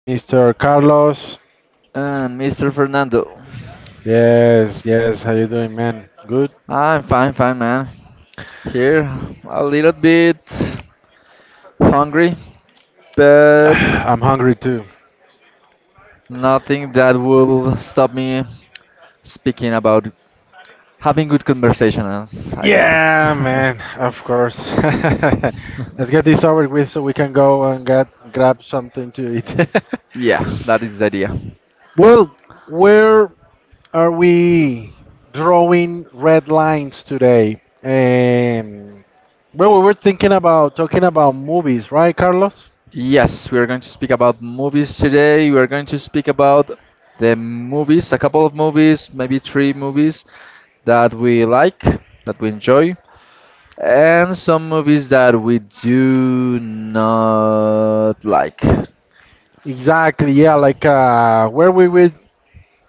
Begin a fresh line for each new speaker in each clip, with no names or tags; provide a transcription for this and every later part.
Mr. Carlos.
and Mr. Fernando.
Yes, yes. How you doing, man? Good.
I'm fine, fine, man. Here, a little bit hungry, but
I'm hungry too.
nothing that will stop me speaking about having good conversations. I mean,
Yeah, man. Of course. Let's get this over with so we can go and get grab something to eat.
yeah, that is the idea.
well, where are we drawing red lines today? Well, we were thinking about talking about movies, right, Carlos?
Yes, we are going to speak about movies today. We are going to speak about the movies, a couple of movies, maybe three movies that we like, that we enjoy, and some movies that we do not like.
Exactly. Yeah, where we would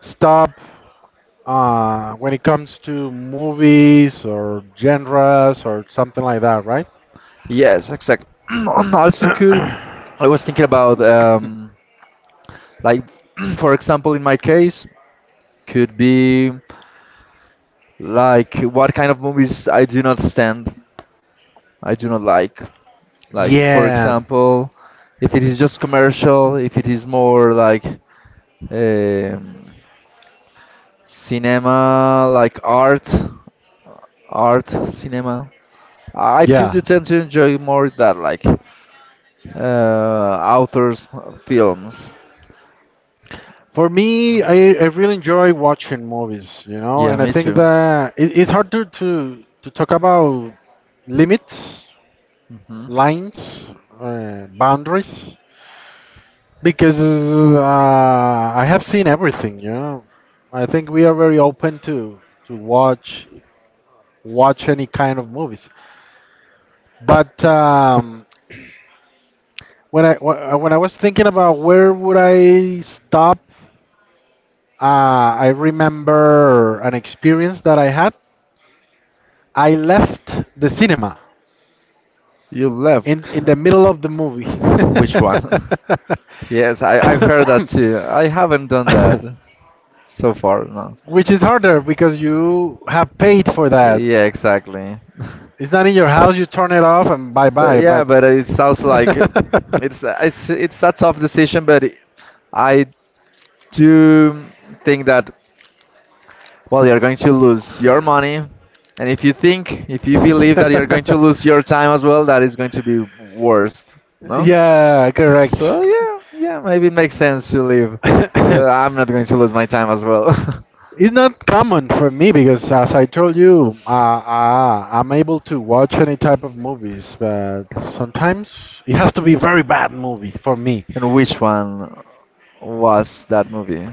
stop when it comes to movies or genres or something like that, right?
Yes, exactly. Also, could I was thinking about like, for example, in my case, could be like what kind of movies I do not stand, I do not like. Like, for
Yeah,
example, if it is just commercial, if it is more like um, cinema, like art, art cinema. I too do
yeah.
tend to enjoy more that like authors' films.
For me, I really enjoy watching movies, you know,
Yeah,
and I
me
think
too.
that it's hard to, to talk about limits,
Hmm.
lines, boundaries. Because I have seen everything, you know. I think we are very open to watch any kind of movies. But when when I was thinking about where would I stop, I remember an experience that I had. I left the cinema
You left.
in the middle of the movie.
Which one? yes, I've heard that too. I haven't done that so far, no.
Which is harder because you have paid for that.
Yeah, exactly.
It's not in your house. You turn it off and bye
But
bye.
yeah,
But
but it sounds like it's a tough decision, but I do think that well, you're going to lose your money. And if you think, if you believe that you're going to lose your time as well, that is going to be worse, no?
yeah, correct.
So yeah, yeah, maybe it makes sense to leave. Yeah, I'm not going to lose my time as well.
It's not common for me because, as I told you, I'm able to watch any type of movies, but sometimes it has to be very bad movie for me.
And which one was that movie?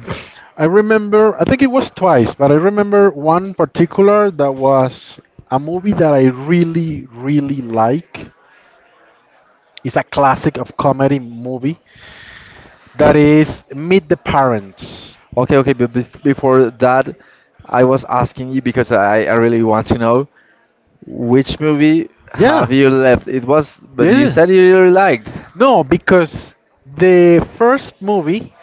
I remember, I think it was twice, but I remember one particular that was a movie that I really, really like. It's a classic of comedy movie that is Meet the Parents.
Okay, okay, but before that, I was asking you because I really want to know which movie have
Yeah,
you left? It was, but you
yeah.
said you really liked.
No, because the first movie,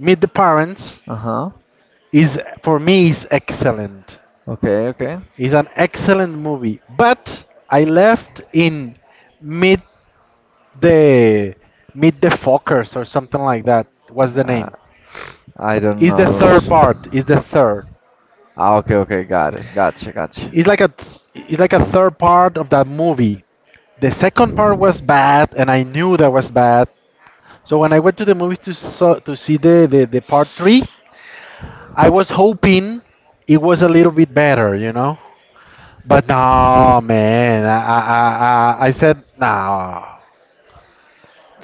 Meet the Parents,
Uh-huh.
is for me is excellent.
Okay, okay.
It's an excellent movie, but I left in mid the Meet the Fockers or something like that. What's the
Uh,
name?
I don't
It's the
know.
third
Which...
part. It's the third.
Ah, okay, okay, got it. Gotcha, gotcha.
It's like a third part of that movie. The second part was bad, and I knew that was bad. So when I went to the movies to see the part three, I was hoping it was a little bit better, you know. But no, man, I said no.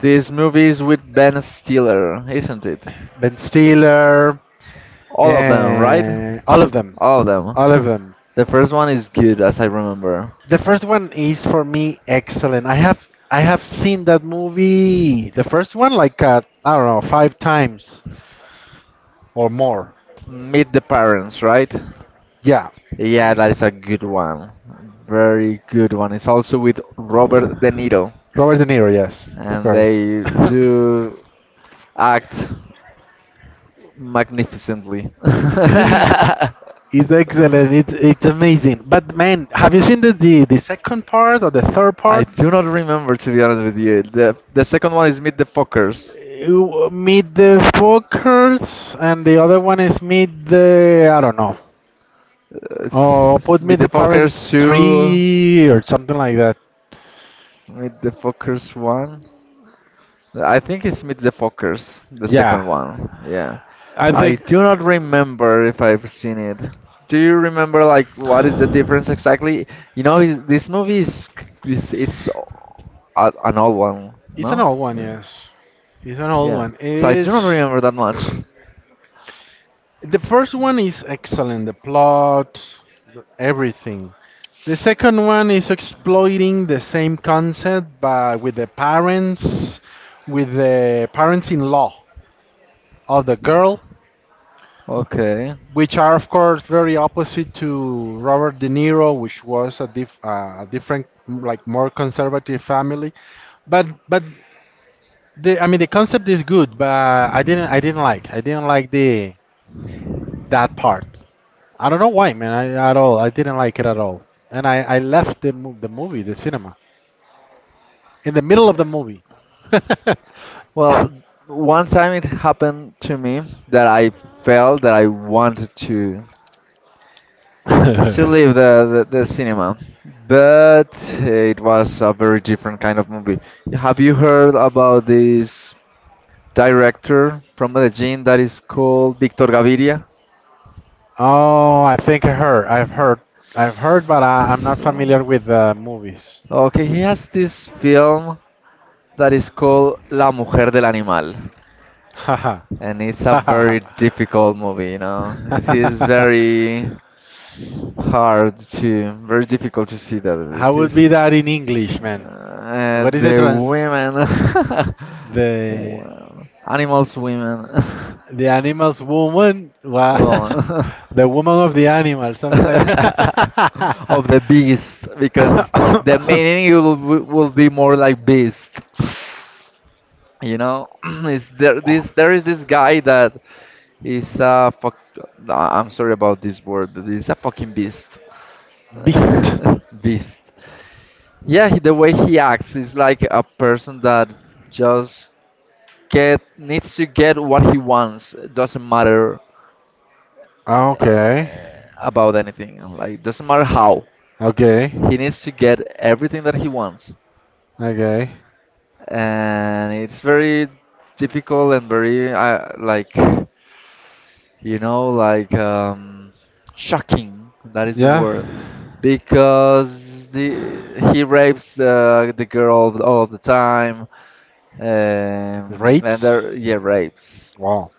This movie is with Ben Stiller, isn't it?
Ben Stiller
All of them, right?
and all of them,
All of them.
all of them.
The first one is good, as I remember.
The first one is for me excellent. I have seen that movie, the first one, like I don't know, five times or more.
Meet the Parents, right?
Yeah,
Yeah, that is a good one. Very good one. It's also with Robert De Niro,
Robert De Niro, yes, of
and
course.
they do act magnificently.
It's excellent. It's amazing. But man, have you seen the second part or the third
I
part?
do not remember, to be honest with you. The second one is Meet the Fockers.
You meet the Fockers, and the other one is meet the I don't know. Oh,
It's
put meet
Meet
the
the Fockers
parents
two,
tree or something like that.
Meet the Fockers one. I think it's Meet the Fockers, the second
Yeah,
one. Yeah.
I
I
think
do not remember if I've seen it. Do you remember like what is the difference exactly? You know, this movie is it's an old one,
it's an
no?
old one,
Yeah.
yes. It's an old
Yeah.
one.
So I do not
It's
remember that much.
the first one is excellent. The plot, the- everything. The second one is exploiting the same concept, but with the parents, with the parents-in-law of the girl,
Okay.
which are of course very opposite to Robert De Niro, which was a, a different, like more conservative family. But the, I mean, the concept is good, but I didn't like the that part. I don't know why, man. I, at all, I didn't like it at all, and I left the the movie, the cinema, in the middle of the movie.
Well, one time it happened to me that I felt that I wanted to leave the cinema, but it was a very different kind of movie. Have you heard about this director from Medellin that is called Victor Gaviria?
Oh, I've heard, but I'm not
So,
familiar with the movies.
okay, he has this film that is called La Mujer del Animal,
Haha,
and it's a
haha, haha.
very difficult movie, you know. It is very hard to very difficult to see that
How
it
would be
is
that in English, man? What is the
the
trans
women
the
wow. Animals women
the animal's woman, wa-
woman
the woman of the animal, something like that.
of the beast because the meaning it will be more like beast. You know, is there this there is this guy that is a fuck I'm sorry about this word, but he's a fucking beast.
Beast.
Beast. Yeah, he- the way he acts is like a person that just get needs to get what he wants. It doesn't matter
Ah,
uh,
okay,
about anything. Like doesn't matter how.
okay,
He needs to get everything that he wants,
okay.
and it's very difficult and very like you know like um, shocking. That is the
Yeah.
word because the he rapes the girl all of the time. And
Rapes.
there, yeah, rapes.
Wow.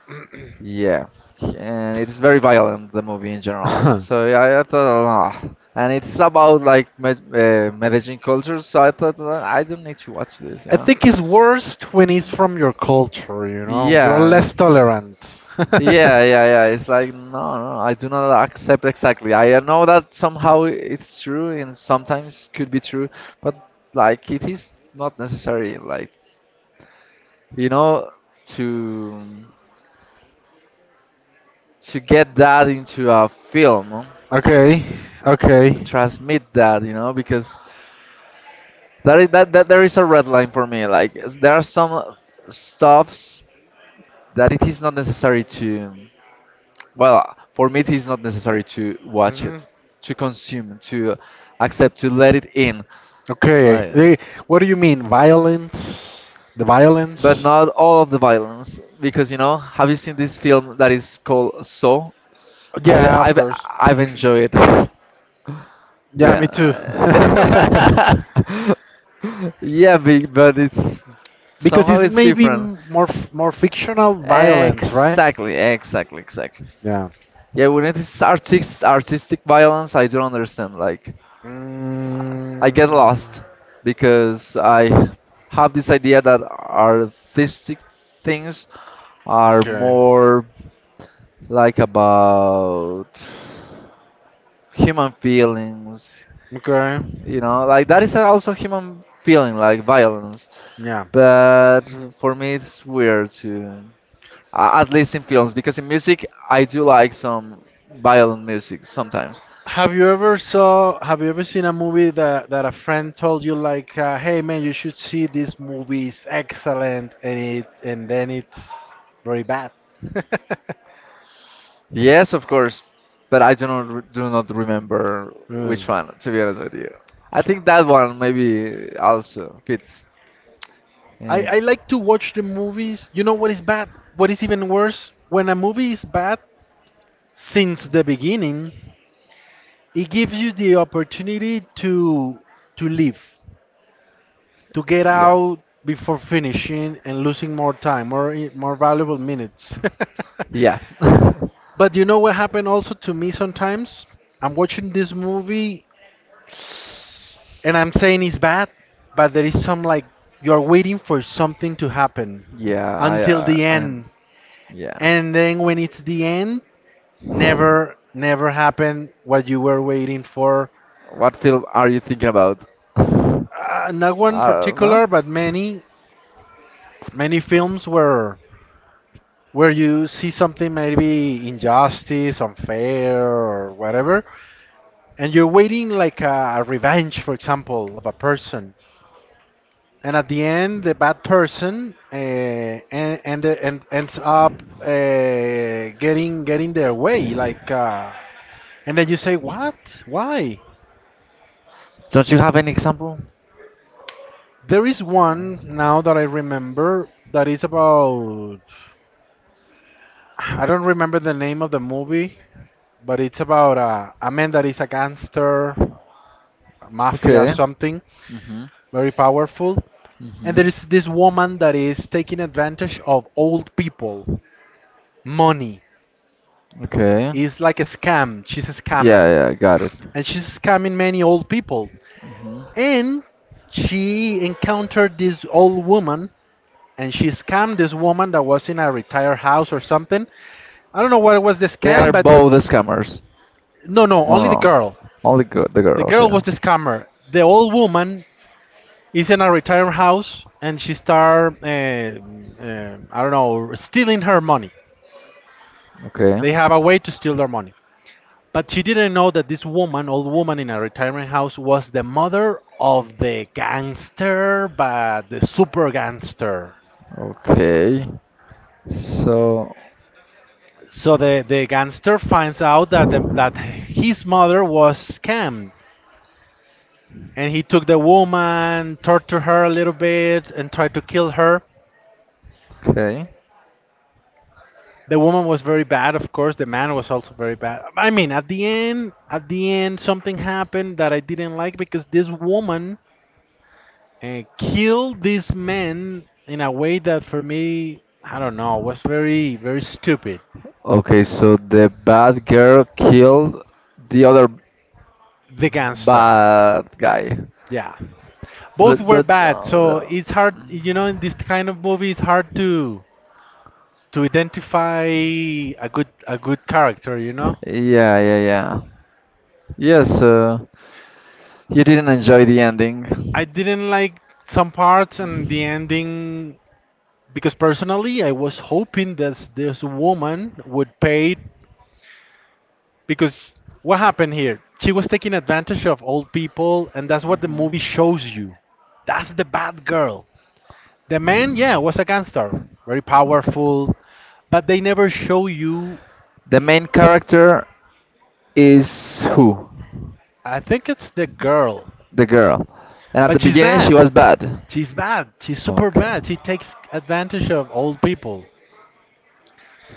Yeah, and it's very violent, the movie in general. So yeah, I thought, ah. And it's about like Medellin culture, so I thought, I don't need to watch this, you
I
know?"
think it's worst when it's from your culture, you know? You are
Yeah,
less
so-
tolerant.
yeah, yeah, yeah. It's like no, no, I do not accept exactly. I know that somehow it's true and sometimes could be true, but like it is not necessary, like you know, to. To get that into a film, huh?
Okay,
To
okay.
transmit that, you know, because that is that there is a red line for me like there are some stuffs that it is not necessary to, well, for me it is not necessary to watch
Hmm.
it, to consume, to accept to let it in,
Okay.
like.
They, what do you mean? Violence? The
But
violence?
not all of the violence because you know, have you seen this film that is called so i
Yeah, of
i've
course.
I've enjoyed it.
Yeah,
Yeah.
me too.
Yeah, big, but it's
Because
somehow
it's
it's
maybe
different.
more more fictional violence, right?
Exactly, exactly, exactly.
Yeah.
Yeah, when it is artistic violence, I don't understand. Like, I
Mm.
get lost because I have this idea that artistic things are
Okay.
more like about human feelings,
Okay.
you know, like that is also human feeling like violence,
Yeah.
but for me it's weird to at least in films because in music I do like some violent music sometimes.
Have you ever seen a movie that a friend told you like hey man you should see this movie it's excellent and it and then it's very bad.
Yes, of course, but I do not re- do not remember
Hmm.
which one, to be honest with you. I think that one maybe also fits in.
I like to watch the movies. You know what is bad? What is even worse? When a movie is bad since the beginning, it gives you the opportunity to leave, to get
Yeah,
out before finishing and losing more time, more valuable minutes.
yeah.
But you know what happened also to me sometimes? I'm watching this movie and I'm saying it's bad, but there is some like you're waiting for something to happen
Yeah,
until the
I.
end.
Yeah.
And then when it's the end, never happened what you were waiting for.
What film are you thinking about? I
Not one
don't know.
particular, but many many films where you see something maybe injustice, unfair or whatever, and you're waiting like a revenge, for example, of a person, and at the end, the bad person and ends up getting their way, like, and then you say, "What? Why?"
Don't you have any example?
There is one now that I remember that is about. I don't remember the name of the movie, but it's about a man that is a gangster, a mafia,
Okay.
something
Mm-hmm.
very powerful. And
Mm-hmm.
there is this woman that is taking advantage of old people. Money
Okay.
is like a scam. She's a
Yeah,
scammer.
yeah, got it.
And she's scamming many old people.
Mm-hmm.
And she encountered this old woman and she scammed this woman that was in a retired house or something. I don't know what was the
They
scam,
are
but
both scammers. No,
no, no,
no.
only the
No.
girl.
Only girl, the
The
girl, okay.
girl was the scammer. The old woman is in a retired house and she start, I don't know, stealing her money.
Okay.
They have a way to steal their money. But she didn't know that this woman, old woman in a retirement house, was the mother of the gangster, but the super gangster.
Okay. So,
So the gangster finds out that that his mother was scammed, and he took the woman, tortured her a little bit, and tried to kill her.
okay.
The woman was very bad, of course. The man was also very bad. I mean, at the end, something happened that I didn't like because this woman and killed this man in a way that for me, I don't know, was very, very stupid.
Okay, so the bad girl killed the other
The gangster.
bad guy.
Yeah. Both were
But
bad, so it's hard, you know, in this kind of movie, it's hard to identify a good character, you know?
yeah, yeah, yeah. Yes, you didn't enjoy the ending.
I didn't like some parts and the ending because personally I was hoping that this woman would pay. Because what happened here? She was taking advantage of old people, and that's what the movie shows you. That's the bad girl. The man, yeah, was a gangster, very
Okay.
powerful, but they never show you.
The main character is who?
I think it's the girl,
The girl. And at the
but she's
beginning she
bad.
was bad.
She's bad. She's super
Okay.
bad. She takes advantage of old people.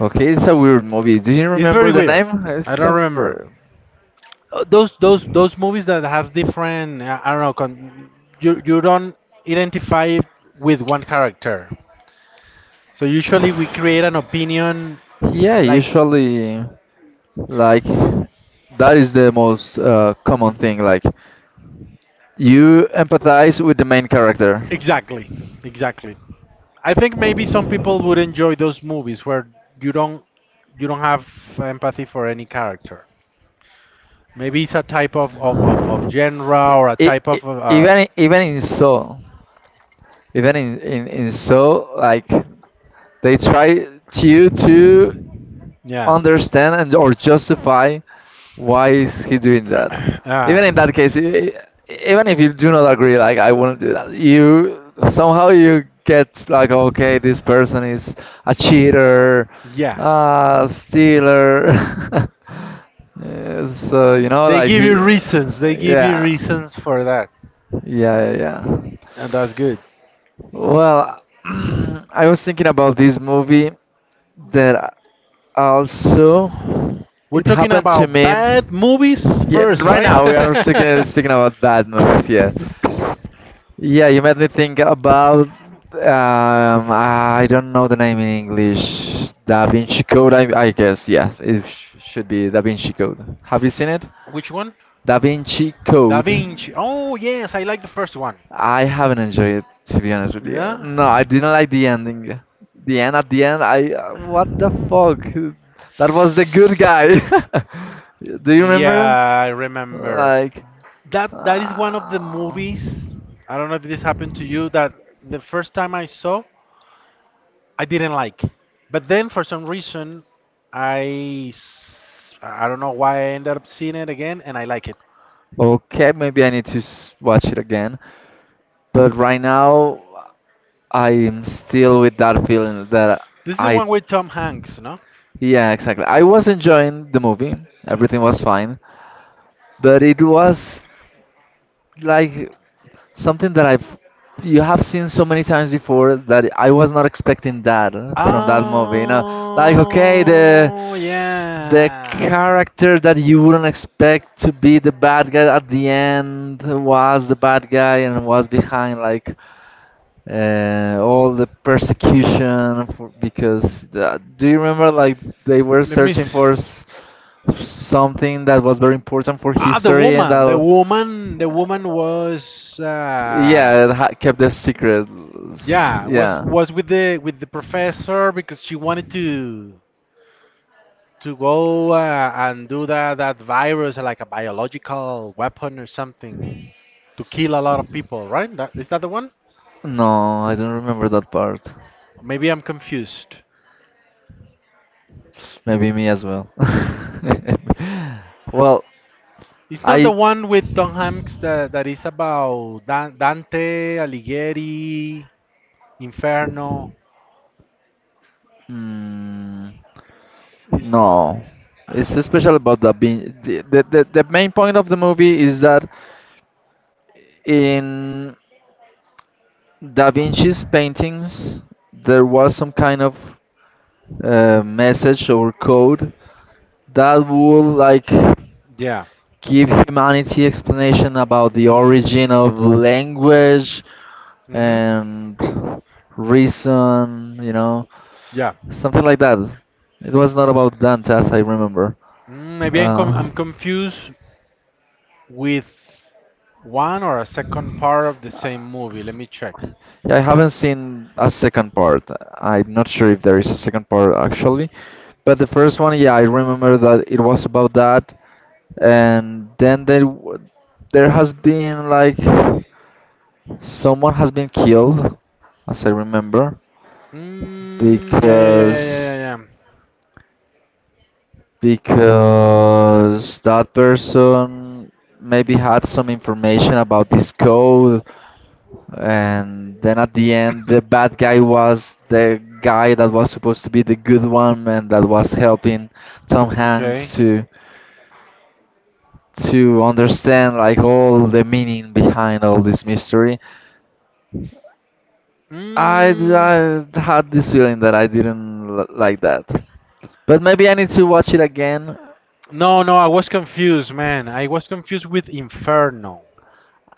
Okay, it's a weird movie. Do you
It's very
remember the
weird.
name?
I don't remember. Those movies that have different. I don't know. You don't identify with one character. So usually we create an opinion
Yeah,
like
usually, like, that is the most common
mm,
thing. Like, you empathize with the main character.
exactly, exactly. I think maybe some people would enjoy those movies where you don't you don't have empathy for any character. Maybe it's a type of genre or a
I
type
i
of
Even in Soul, even in Soul, like they try to
yeah.
understand and or justify why is he doing that.
Ah.
Even in that case, even if you do not agree, like I wouldn't do that. You somehow you get like, okay, this person is a cheater,
Yeah.
a stealer. Yeah, so you know,
They
like
give
he,
you reasons. They give you
yeah,
reasons for that,
yeah, yeah. Yeah.
and that's good.
Well, I was thinking about this movie that also
We're
it
talking
happened to
about
me.
bad movies
Yeah,
first,
right
right?
now we are talking speaking about bad movies. Yeah, yeah. You made me think about I don't know the name in English. Da Vinci Code, I guess. Yeah, it sh should be Da Vinci Code. Have you seen it?
Which one?
Da Vinci
Da
Code.
Vinci. Oh yes, I like the first one.
I haven't enjoyed it, to be honest with you.
Yeah.
No, I didn't like the ending. The end at the end. I what the fuck? That was the good guy. Do you
Yeah,
remember?
I remember.
Like.
That that is one of the
Uh,
movies. I don't know if this happened to you. That the first time I saw. I didn't like. But then for some reason, I don't know why I ended up seeing it again, and I like it.
okay, maybe I need to watch it again. But right now, I'm still with that feeling that
This is the
I.
one with Tom Hanks, no?
Yeah, exactly. I was enjoying the movie, everything was fine, but it was like something that I've you have seen so many times before that I was not expecting that from that movie. You know, like okay,
Oh
the
yeah.
character that you wouldn't expect to be the bad guy at the end was the bad guy and was behind like all the persecution for, because the, do you remember like they were
Let me
searching
see.
for something that was very important for
Ah, the
history and
woman, the
that.
woman, the woman was,
Yeah, it ha kept the secret.
yeah,
Yeah.
was with the professor because she wanted to go and do that virus like a biological weapon or something to kill a lot of people, right? That, is that the one?
No, I don't remember that part.
Maybe I'm confused.
Maybe me as well. Well,
It's not the
I.
one with Tom Hanks that, that is about Dante Alighieri, Inferno.
Hmm.
Is
No, it's special about the being the main point of the movie is that in Da Vinci's paintings there was some kind of message or code that would like
yeah.
give humanity explanation about the
Hmm.
origin of language
Hmm.
and reason, you know,
Yeah.
something like that. It was not about Dante, as I remember.
Mm, maybe
Uh,
I'm confused with one or a second part of the same movie. Let me check.
yeah, I haven't seen a second part. I'm not sure if there is a second part actually, but the first one, yeah, I remember that it was about that, and then there has been like someone has been killed, as I remember,
Mm, yeah, yeah, yeah, yeah, yeah,
because
yeah.
that person maybe had some information about this code, and then at the end, the bad guy was the guy that was supposed to be the good one and that was helping Tom
Yeah. Okay.
Hanks to understand like all the meaning behind all this mystery. I,
Mm.
I had this feeling that I didn't like that. But maybe I need to watch it again.
No, no, I was confused, man. I was confused with Inferno.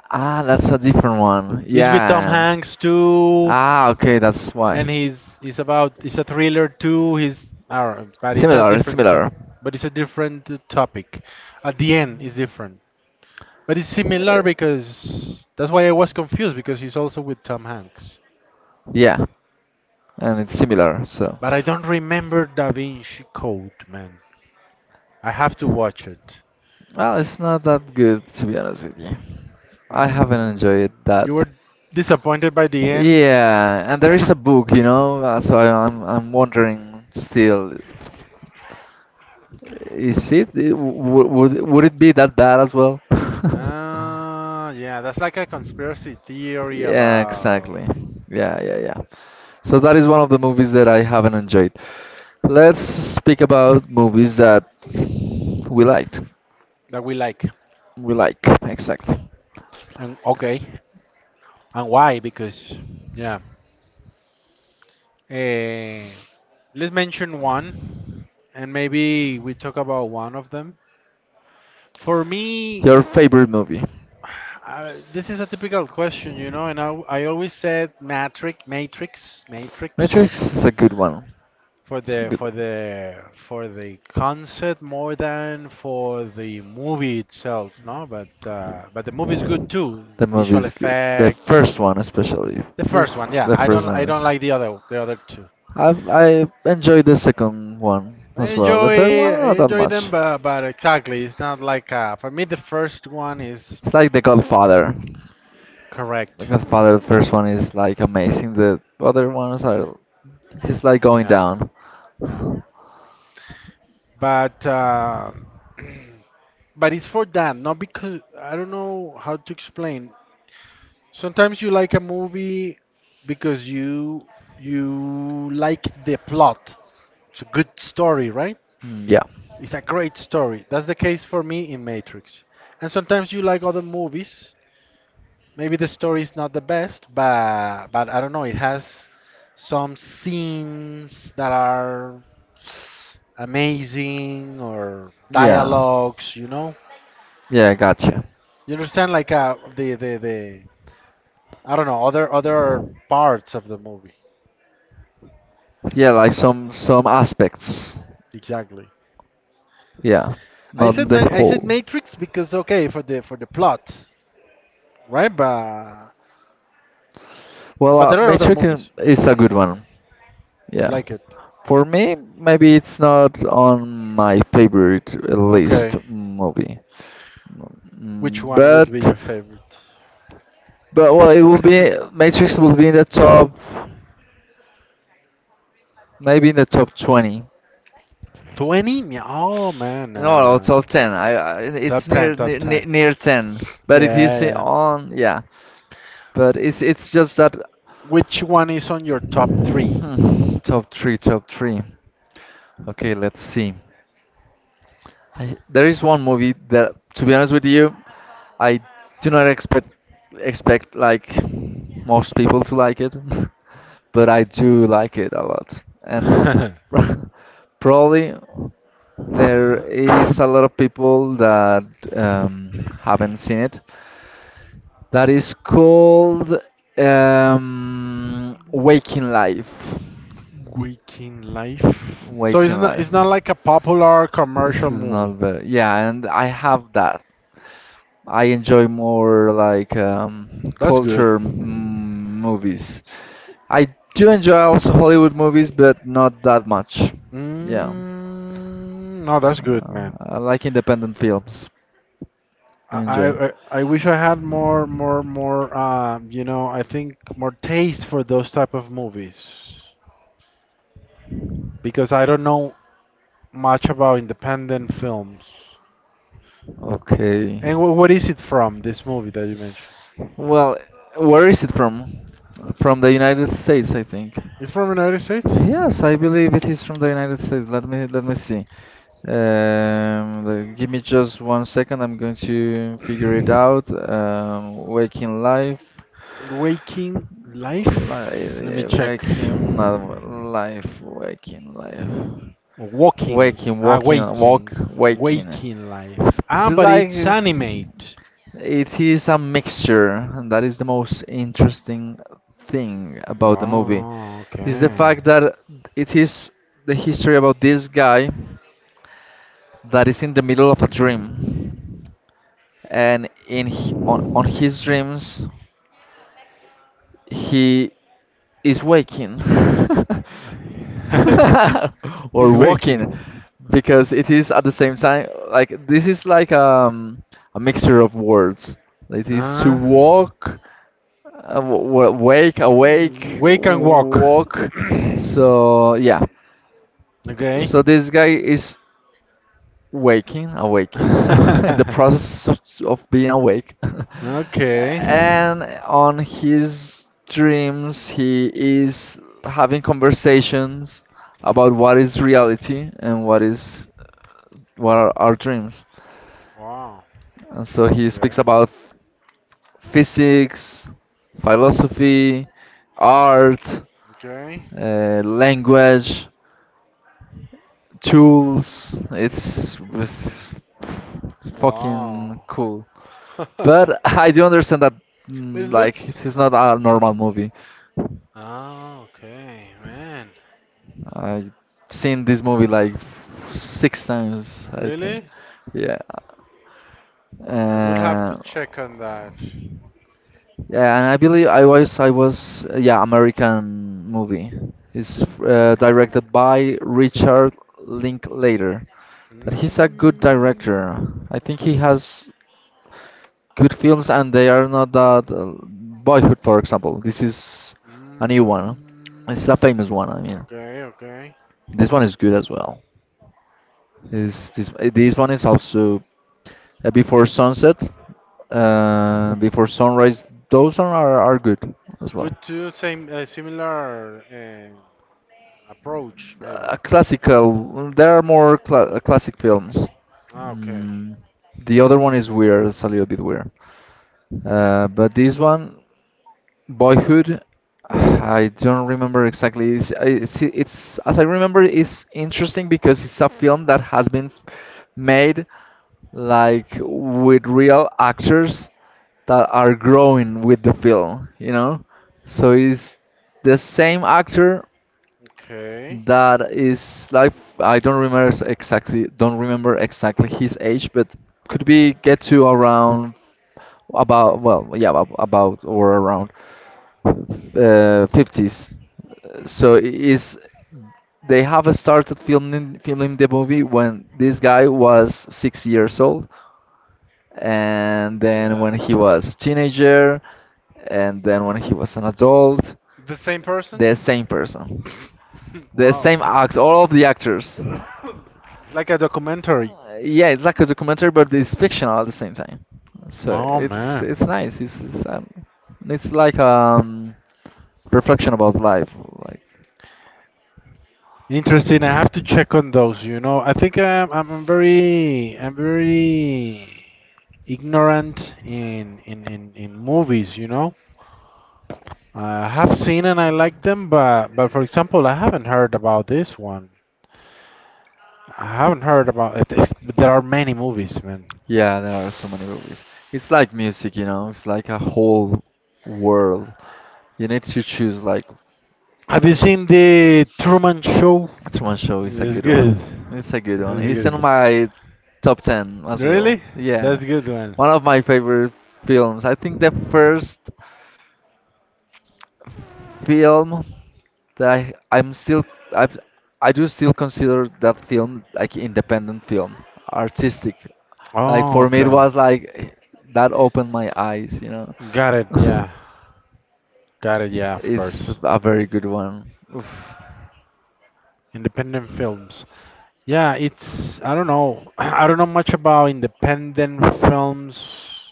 Ah, that's a different one.
It's with Tom
Yeah. And-
Hanks too.
ah, okay, that's why.
And he's about it's a thriller too. He's I don't know, but it's a
Similar, it's
different top,
similar.
but it's a different topic. At the end, it's different, but it's similar because that's why I was confused because he's also with Tom Hanks.
Yeah, and it's similar, so.
But I don't remember Da Vinci Code, man. I have to watch it.
Well, it's not that good, to be honest with you. I haven't
Hmm.
enjoyed
You
that.
were disappointed by the end.
Yeah, and there is a book, you know, so I'm wondering still. Is it? It would it be that bad as well?
Ah, yeah, that's like a conspiracy theory
Yeah,
about
exactly. Yeah, yeah, yeah. So that is one of the movies that I haven't enjoyed. Let's speak about movies that we liked.
that we like.
We like, exactly.
And okay, and why? Because yeah, eh, let's mention one, and maybe we talk about one of them. For me,
Your favorite movie?
this is a typical question, you know, and I always said matrix, matrix, matrix
Matrix is a good one.
for
It's a
the
good
for
one.
the for the concept more than for the movie itself, no? But the movie is good too.
The movie
Visual
is good. The
effects,
first one, especially.
the
Oof,
first one, yeah.
the
I
first
don't
one
I don't
is.
like the other two.
I enjoyed the second one
I
as well. The third
enjoy
one
I
not that
enjoy them,
much.
but exactly, it's not like for me the first one is
It's like The Godfather. The
correct.
Godfather the first one is like amazing. The other ones are it's like going
Yeah,
down.
yeah. But but it's for that, not because I don't know how to explain. Sometimes you like a movie because you like the plot. It's a good story, right?
Mm, yeah,
It's a great story. That's the case for me in Matrix. And sometimes you like other movies maybe the story is not the best, but I don't know. It has some scenes that are amazing or
yeah,
dialogues. You know,
yeah. Gotcha.
you understand like the I don't know other parts of the movie
Yeah, like some aspects.
exactly.
Yeah,
I
not
said
the
I said
whole.
Matrix because okay for the plot, right? But there are other
Matrix
movies
is a good one. Yeah.
like it.
For me, maybe it's not on my favorite list
Okay,
movie.
which
Mm,
one would
but
be your favorite?
but well, it will be, Matrix will be in the top, maybe in the top 20.
20? Oh man,
No, no, top 10. I
top
it's
10,
near,
top
near
10.
near near 10, but it
Yeah,
is
yeah.
on, yeah, but it's just that.
Which one is on your top three?
Hmm, top three, top three. Okay, let's see. I, there is one movie that, to be honest with you, I do not expect like most people to like it, but I do like it a lot. And probably there is a lot of people that um, haven't seen it. That is called Waking Life.
Waking Life. So it's
Waking
not it's
Life.
not like a popular
This
commercial
is not
movie.
very. Yeah, and I have that. I enjoy more like
That's good.
culture, mm, movies. I do enjoy also Hollywood movies, but not that much. Yeah,
Mm, no, that's good, man.
I like independent films. I
I,
enjoy.
I I I wish I had more you know I think more taste for those type of movies because I don't know much about independent films.
Okay.
And what is it from, this movie that you mentioned?
Well, where is it from? From the United States, I think.
It's from United States?
Yes, I believe it is from the United States. Let me see. The- give me just one second. I'm going to figure it out. Waking life,
Waking Life? Let me
li
check.
waking, not life, waking life,
Walking.
waking,
Ah,
walking, walk,
Waking.
waking.
Waking Life.
It's
Ah, but
like
it's
it's,
animate.
it is a mixture, and that is the most interesting thing about the movie.
Wow,
Is the
okay.
fact that it is the history about this guy that is in the middle of a dream, and in h- on his dreams, he is waking or
He's
walking
waking.
because it is at the same time like this is like a mixture of words. It is to
Ah.
walk, w- w- wake, awake,
Wake and walk.
walk. So yeah.
Okay.
So this guy is waking, awaking, in the process of being awake.
Okay.
And on his dreams, he is having conversations about what is reality and what is what are our dreams.
Wow.
And so he speaks
Great.
about f- physics, philosophy, art,
Okay.
language, tools. It's fucking
Wow.
cool.
But
But I do understand that,
it
mm, like,
looks.
it is not a normal movie.
Ah, okay, man.
I seen this movie like f- 6 times, I think.
Really?
Yeah.
I would have
Uh,
to check on that.
yeah, and I believe I was yeah, American movie. It's directed by Richard Linklater. That he's a good
Mm,
director. I think he has good films and they are not that Boyhood, for example. This is a new one. It's
mm,
a famous one. I mean,
okay, okay.
this one is good as well. Is this this one is also Before Sunset, Before Sunrise. Those are are good as well.
Good to same similar approach, maybe.
A classical. There are more cla classic films.
Ah, okay.
Mm, the other one is weird. It's a little bit weird. But this one. Boyhood,
Boyhood.
I don't remember exactly. It's as I remember, it's interesting because it's a film that has been f- made like with real actors that are growing with the film, you know? So it's the same actor
Okay.
that is like, I don't remember s- exactly, don't remember exactly his age, but could be get to around about, well yeah, ab- about or around uh, 50s. So it is they have started filming the movie when this guy was 6 years old, and then
Yeah.
when he was teenager, and then when he was an adult,
The same person?
the same person. The
Wow.
same acts, all of the actors.
Like a documentary.
Yeah, it's like a documentary, but it's fictional at the same time. So
Oh man,
it's nice. It's like reflection about life. Like
interesting. I have to check on those. You know, I think I'm very ignorant in movies. You know, I have seen and I like them, but for example, I haven't heard about this one. I haven't heard about it. But There are many movies, man.
yeah, there are so many movies. It's like music, you know. It's like a whole world. You need to choose like.
Have you seen the Truman Show?
Truman Show is a
It's
good
good.
one. It's a good one.
That's
It's in
good.
my top 10 as well.
Really?
Yeah,
That's a good one.
one of my favorite films. I think the first film that I, I'm still I I do still consider that film like independent film, artistic. Like
Oh,
for me, it
okay.
was like eh, that opened my eyes, you know.
Got it. Yeah. Got it. Yeah, of
It's
course.
a very good one. Oof.
Independent films. Yeah, it's I don't know. I don't know much about independent films,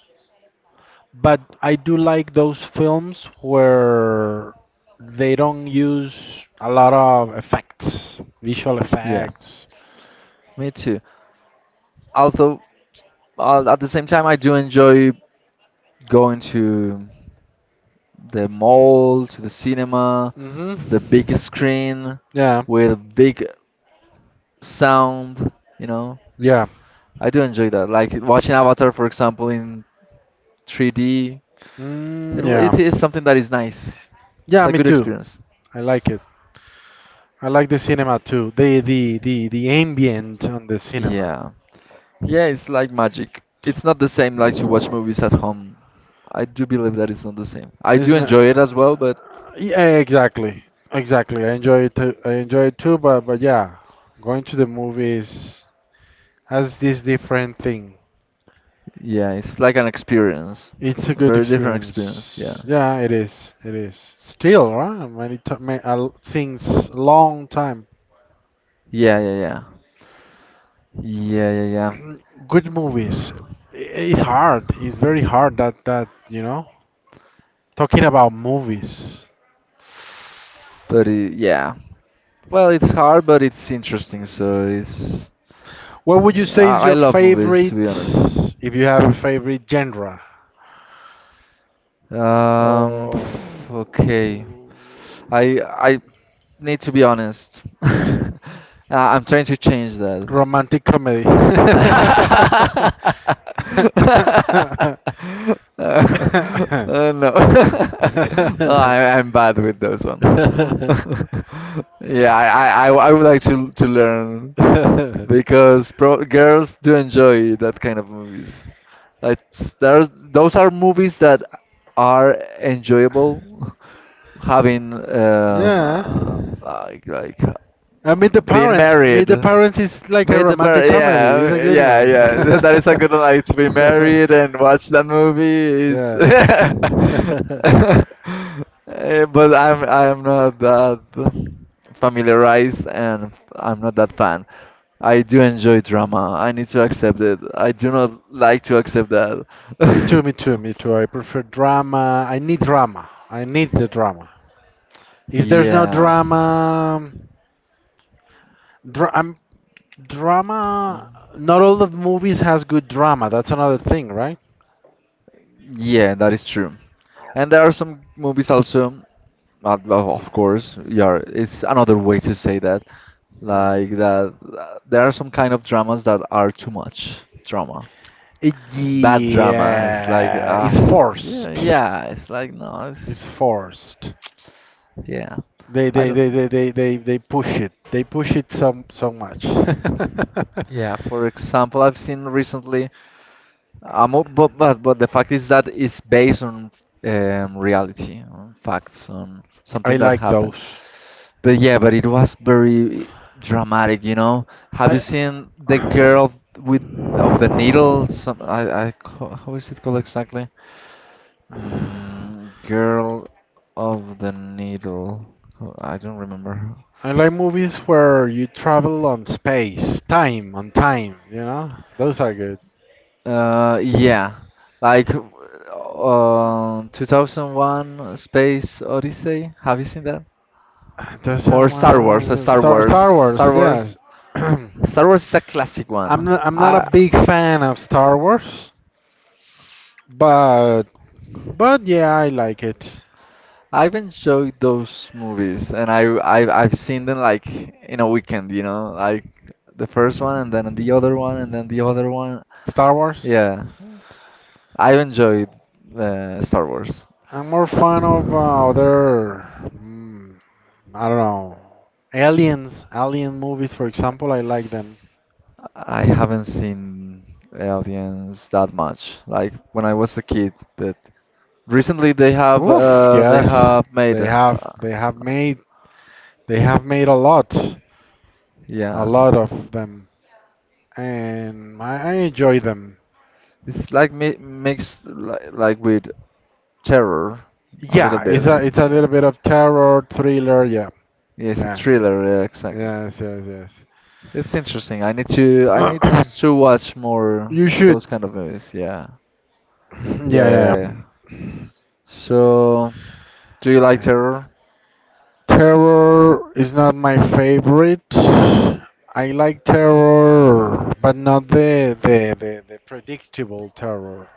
but I do like those films where they don't use a lot of effects, visual
Yeah,
effects.
me too. Although at the same time, I do enjoy going to the mall, to the cinema,
Mhm.
to the big screen
Yeah.
with big sound, you know.
Yeah.
I do enjoy that. Like watching Avatar, for example, in 3D, it,
Mm,
wa-
yeah.
it is something that is nice. It's
Yeah,
a
me
good
too.
experience.
I like I like the cinema too. The ambient on the cinema.
Yeah. Yeah, it's like magic. It's not the same like to watch movies at home. I do believe that it's not the same. I
It's
do
not,
enjoy it as well, but
yeah, exactly, exactly. I enjoy I enjoy it too. But yeah, going to the movies has this different thing.
yeah, it's like an experience.
It's a
A
good
very different experience. Yeah.
experience. Yeah, it is. It is. Still, right? Many things long time.
Yeah, yeah, yeah. Yeah, yeah, yeah.
good movies. I- It's hard. It's very hard that that you know talking about movies.
But Yeah, well, it's hard, but it's interesting. So it's
What would you
yeah,
say is
I
your
love movies to be
favorite,
honest.
if you have a favorite genre?
Um,
Oh,
okay, I need to be honest. I'm trying to change that.
romantic comedy?
No, no, I, I'm bad with those ones. Yeah, I would like to learn, because pro girls do enjoy that kind of movies. Like s- there's those are movies that are enjoyable, having
Yeah.
like
I mean, the
being
parents. Meet
married.
the parents is like a
Meet the
romantic
par,
comedy. It's a
yeah,
good
yeah, yeah. That is a
one.
good one. Like to be married and watch that movie is.
Yeah.
Eh, but I'm not that familiarized and I'm not that fan. I do enjoy drama. I need to accept it. I do not like to accept that.
me too, me too, me too. I prefer drama. I need drama. I need the drama. If there's no
Yeah.
drama, dra- I'm, drama. Not all the movies has good drama. That's another thing, right?
Yeah, that is true. And there are some movies also, well, of course, yeah, it's another way to say that.
Mm.
Like that, there are some kind of dramas that are too much drama. Bad drama. It's like,
Yeah, it's forced.
yeah, yeah, it's like, no,
It's
it's,
forced.
yeah.
They
I
they,
don't,
they, they, they, they they push it. They push it so so much.
yeah, for example, I've seen recently um, but but the fact is that it's based on reality, on facts, on
I
something that
like
happened.
those.
But yeah, but it was very dramatic, you know. Have
I
you seen the girl with of the needle? Some I ca- how is it called exactly? Mm, girl of the needle. Oh, I don't remember.
I, like movies where you travel on space, time, on time, you know? Those are good.
Yeah, like 2001 Space Odyssey. Have you seen that?
There's
Or
someone Star Star
Star
Wars, yes.
Wars.
I'm
Star Wars is a classic one.
I'm not a
I
big fan of Star Wars, but but yeah, I like it.
I've enjoyed those movies, and I I've seen them like in a weekend, you know, like the first one and then the other one and then the other one.
Star Wars.
Yeah, I've enjoyed Star Wars.
I'm more fan of other mm, I don't know. Aliens, alien movies for example, I like them.
I haven't seen Aliens that much, like when I was a kid, but recently
Oof,
they
yes.
have made
They have they have made they have made a
yeah.
lot of them, and I enjoy them.
It's like mi mixed like with terror, a little
Yeah,
bit.
it's a little
Yeah,
bit of terror thriller. Yeah,
yeah, it's a
yes,
thriller. Yeah, exactly.
yes, yes,
It's interesting. I need
yes.
to watch more
You should.
those kind of movies. Yeah, yeah, yeah,
Yeah,
yeah,
yeah, yeah.
yeah. So, do you like terror?
Terror is not my favorite. I like terror, but not the predictable terror.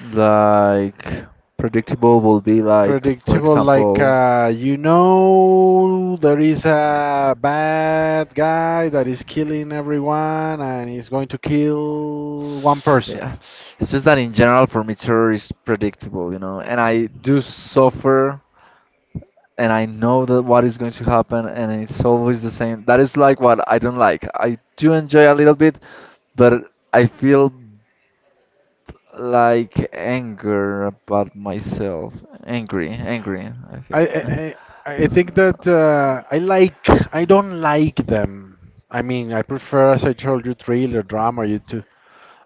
Like predictable will be like, for
Predictable, like
example,
you know, there is a bad guy that is killing everyone and he's going to kill one person.
yeah. It's just that in general for me terror is predictable, you know, and I do suffer and I know that what is going to happen, and it's always the same. That is like what I don't like. I do enjoy a little bit, but I feel like anger about myself. Angry, angry. I
I
feel.
I, I I think
Y-
that I like I don't like them. I mean, I prefer, as I told you, thriller, drama, you too.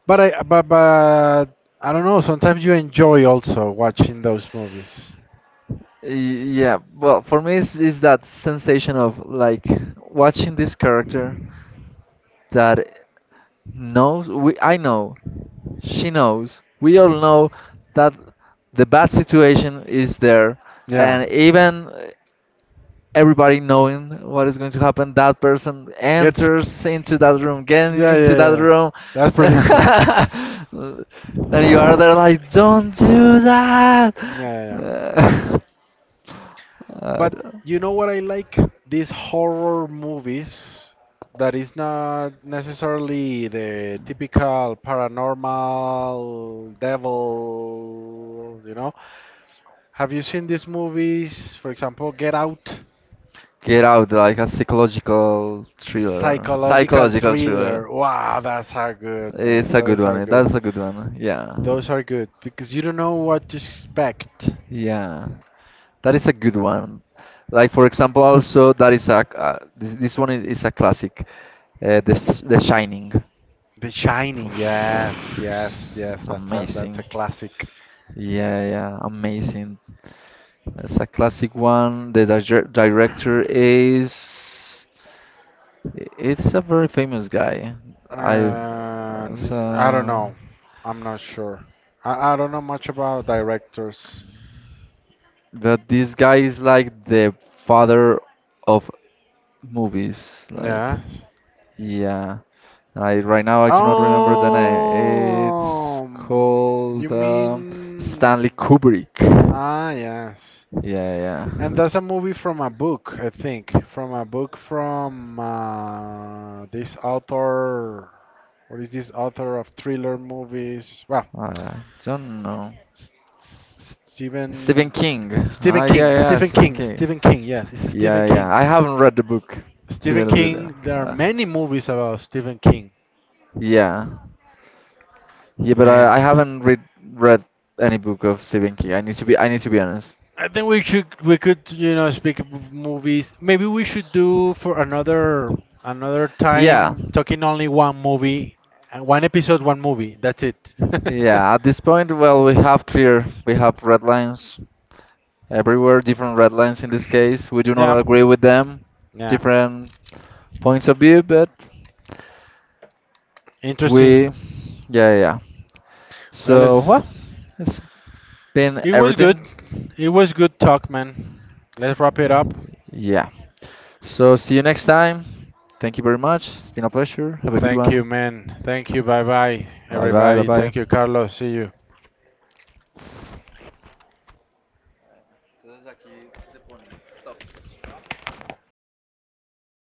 But I don't know. Sometimes you enjoy also watching those movies.
yeah, well, for me, it's that sensation of like watching this character that knows, we, I know, she knows, we all know that the bad situation is there,
Yeah,
and even everybody knowing what is going to happen, that person
get.
enters into that room, get
Yeah,
into
yeah,
that
yeah.
room,
That's
and
predictable.
you are there like don't do that.
Yeah, yeah. yeah.
Uh, I
But
don't.
you know what I like? These horror movies that is not necessarily the typical paranormal devil, you know? Have you seen these movies, for example, Get Out?
Get Out, like a psychological thriller.
Psychological
Psychological thriller.
thriller. Wow, that's are good, man.
It's a good
Those are
one.
good.
That's a good one. Yeah.
Those are good because you don't know what to expect.
Yeah. That is a good one. Like for example, also that is a this one is a classic. The Sh- The Shining.
The Shining, yes,
Poof,
yes, yes.
it's
That's
amazing.
a classic.
Yeah, yeah, amazing. It's a classic one. The dir- director is. It's a very famous guy. I. It's
And I don't know. I'm not sure. I don't know much about directors.
but this guy is like the father of movies. Like,
Yeah.
yeah. I right now I do not remember the name. It's
Oh, you
called
mean?
Stanley Kubrick.
Ah, yes.
Yeah, yeah.
And that's a movie from a book, I think, from a book from this author. What is this author of thriller movies? Well,
I don't know. Stephen
Stephen
King.
Stephen
Ah, yeah,
King.
yeah,
Stephen
Stephen
King.
King.
Stephen King. Yes, it's Stephen
Yeah,
King.
yeah. I haven't read the book, to be
Stephen
honest with you.
King. There are
Uh,
many movies about Stephen King.
yeah. Yeah, but
Man,
I haven't read any book of Stephen King. I need to be honest.
I think we could you know speak of movies. Maybe we should do for another another Yeah.
Yeah.
time talking only one movie, one episode, one movie. That's it.
Yeah, at this point, well, we have clear, we have red lines everywhere, different red lines in this case. We do not
yeah. Yeah.
agree with them,
Yeah.
different points of view, but we, yeah,
Interesting.
yeah, yeah.
Well,
So,
it's,
well, it's been
it was good.
everything.
It was good talk, man. Let's wrap it up.
Yeah. So, see you next time. Thank you very much. It's been a pleasure. Have a good
Thank
one.
you, man. Thank you. Bye bye,
Bye bye, bye
everybody.
bye.
Thank you, Carlos. See you.
Entonces aquí, ¿qué se pone? Stop.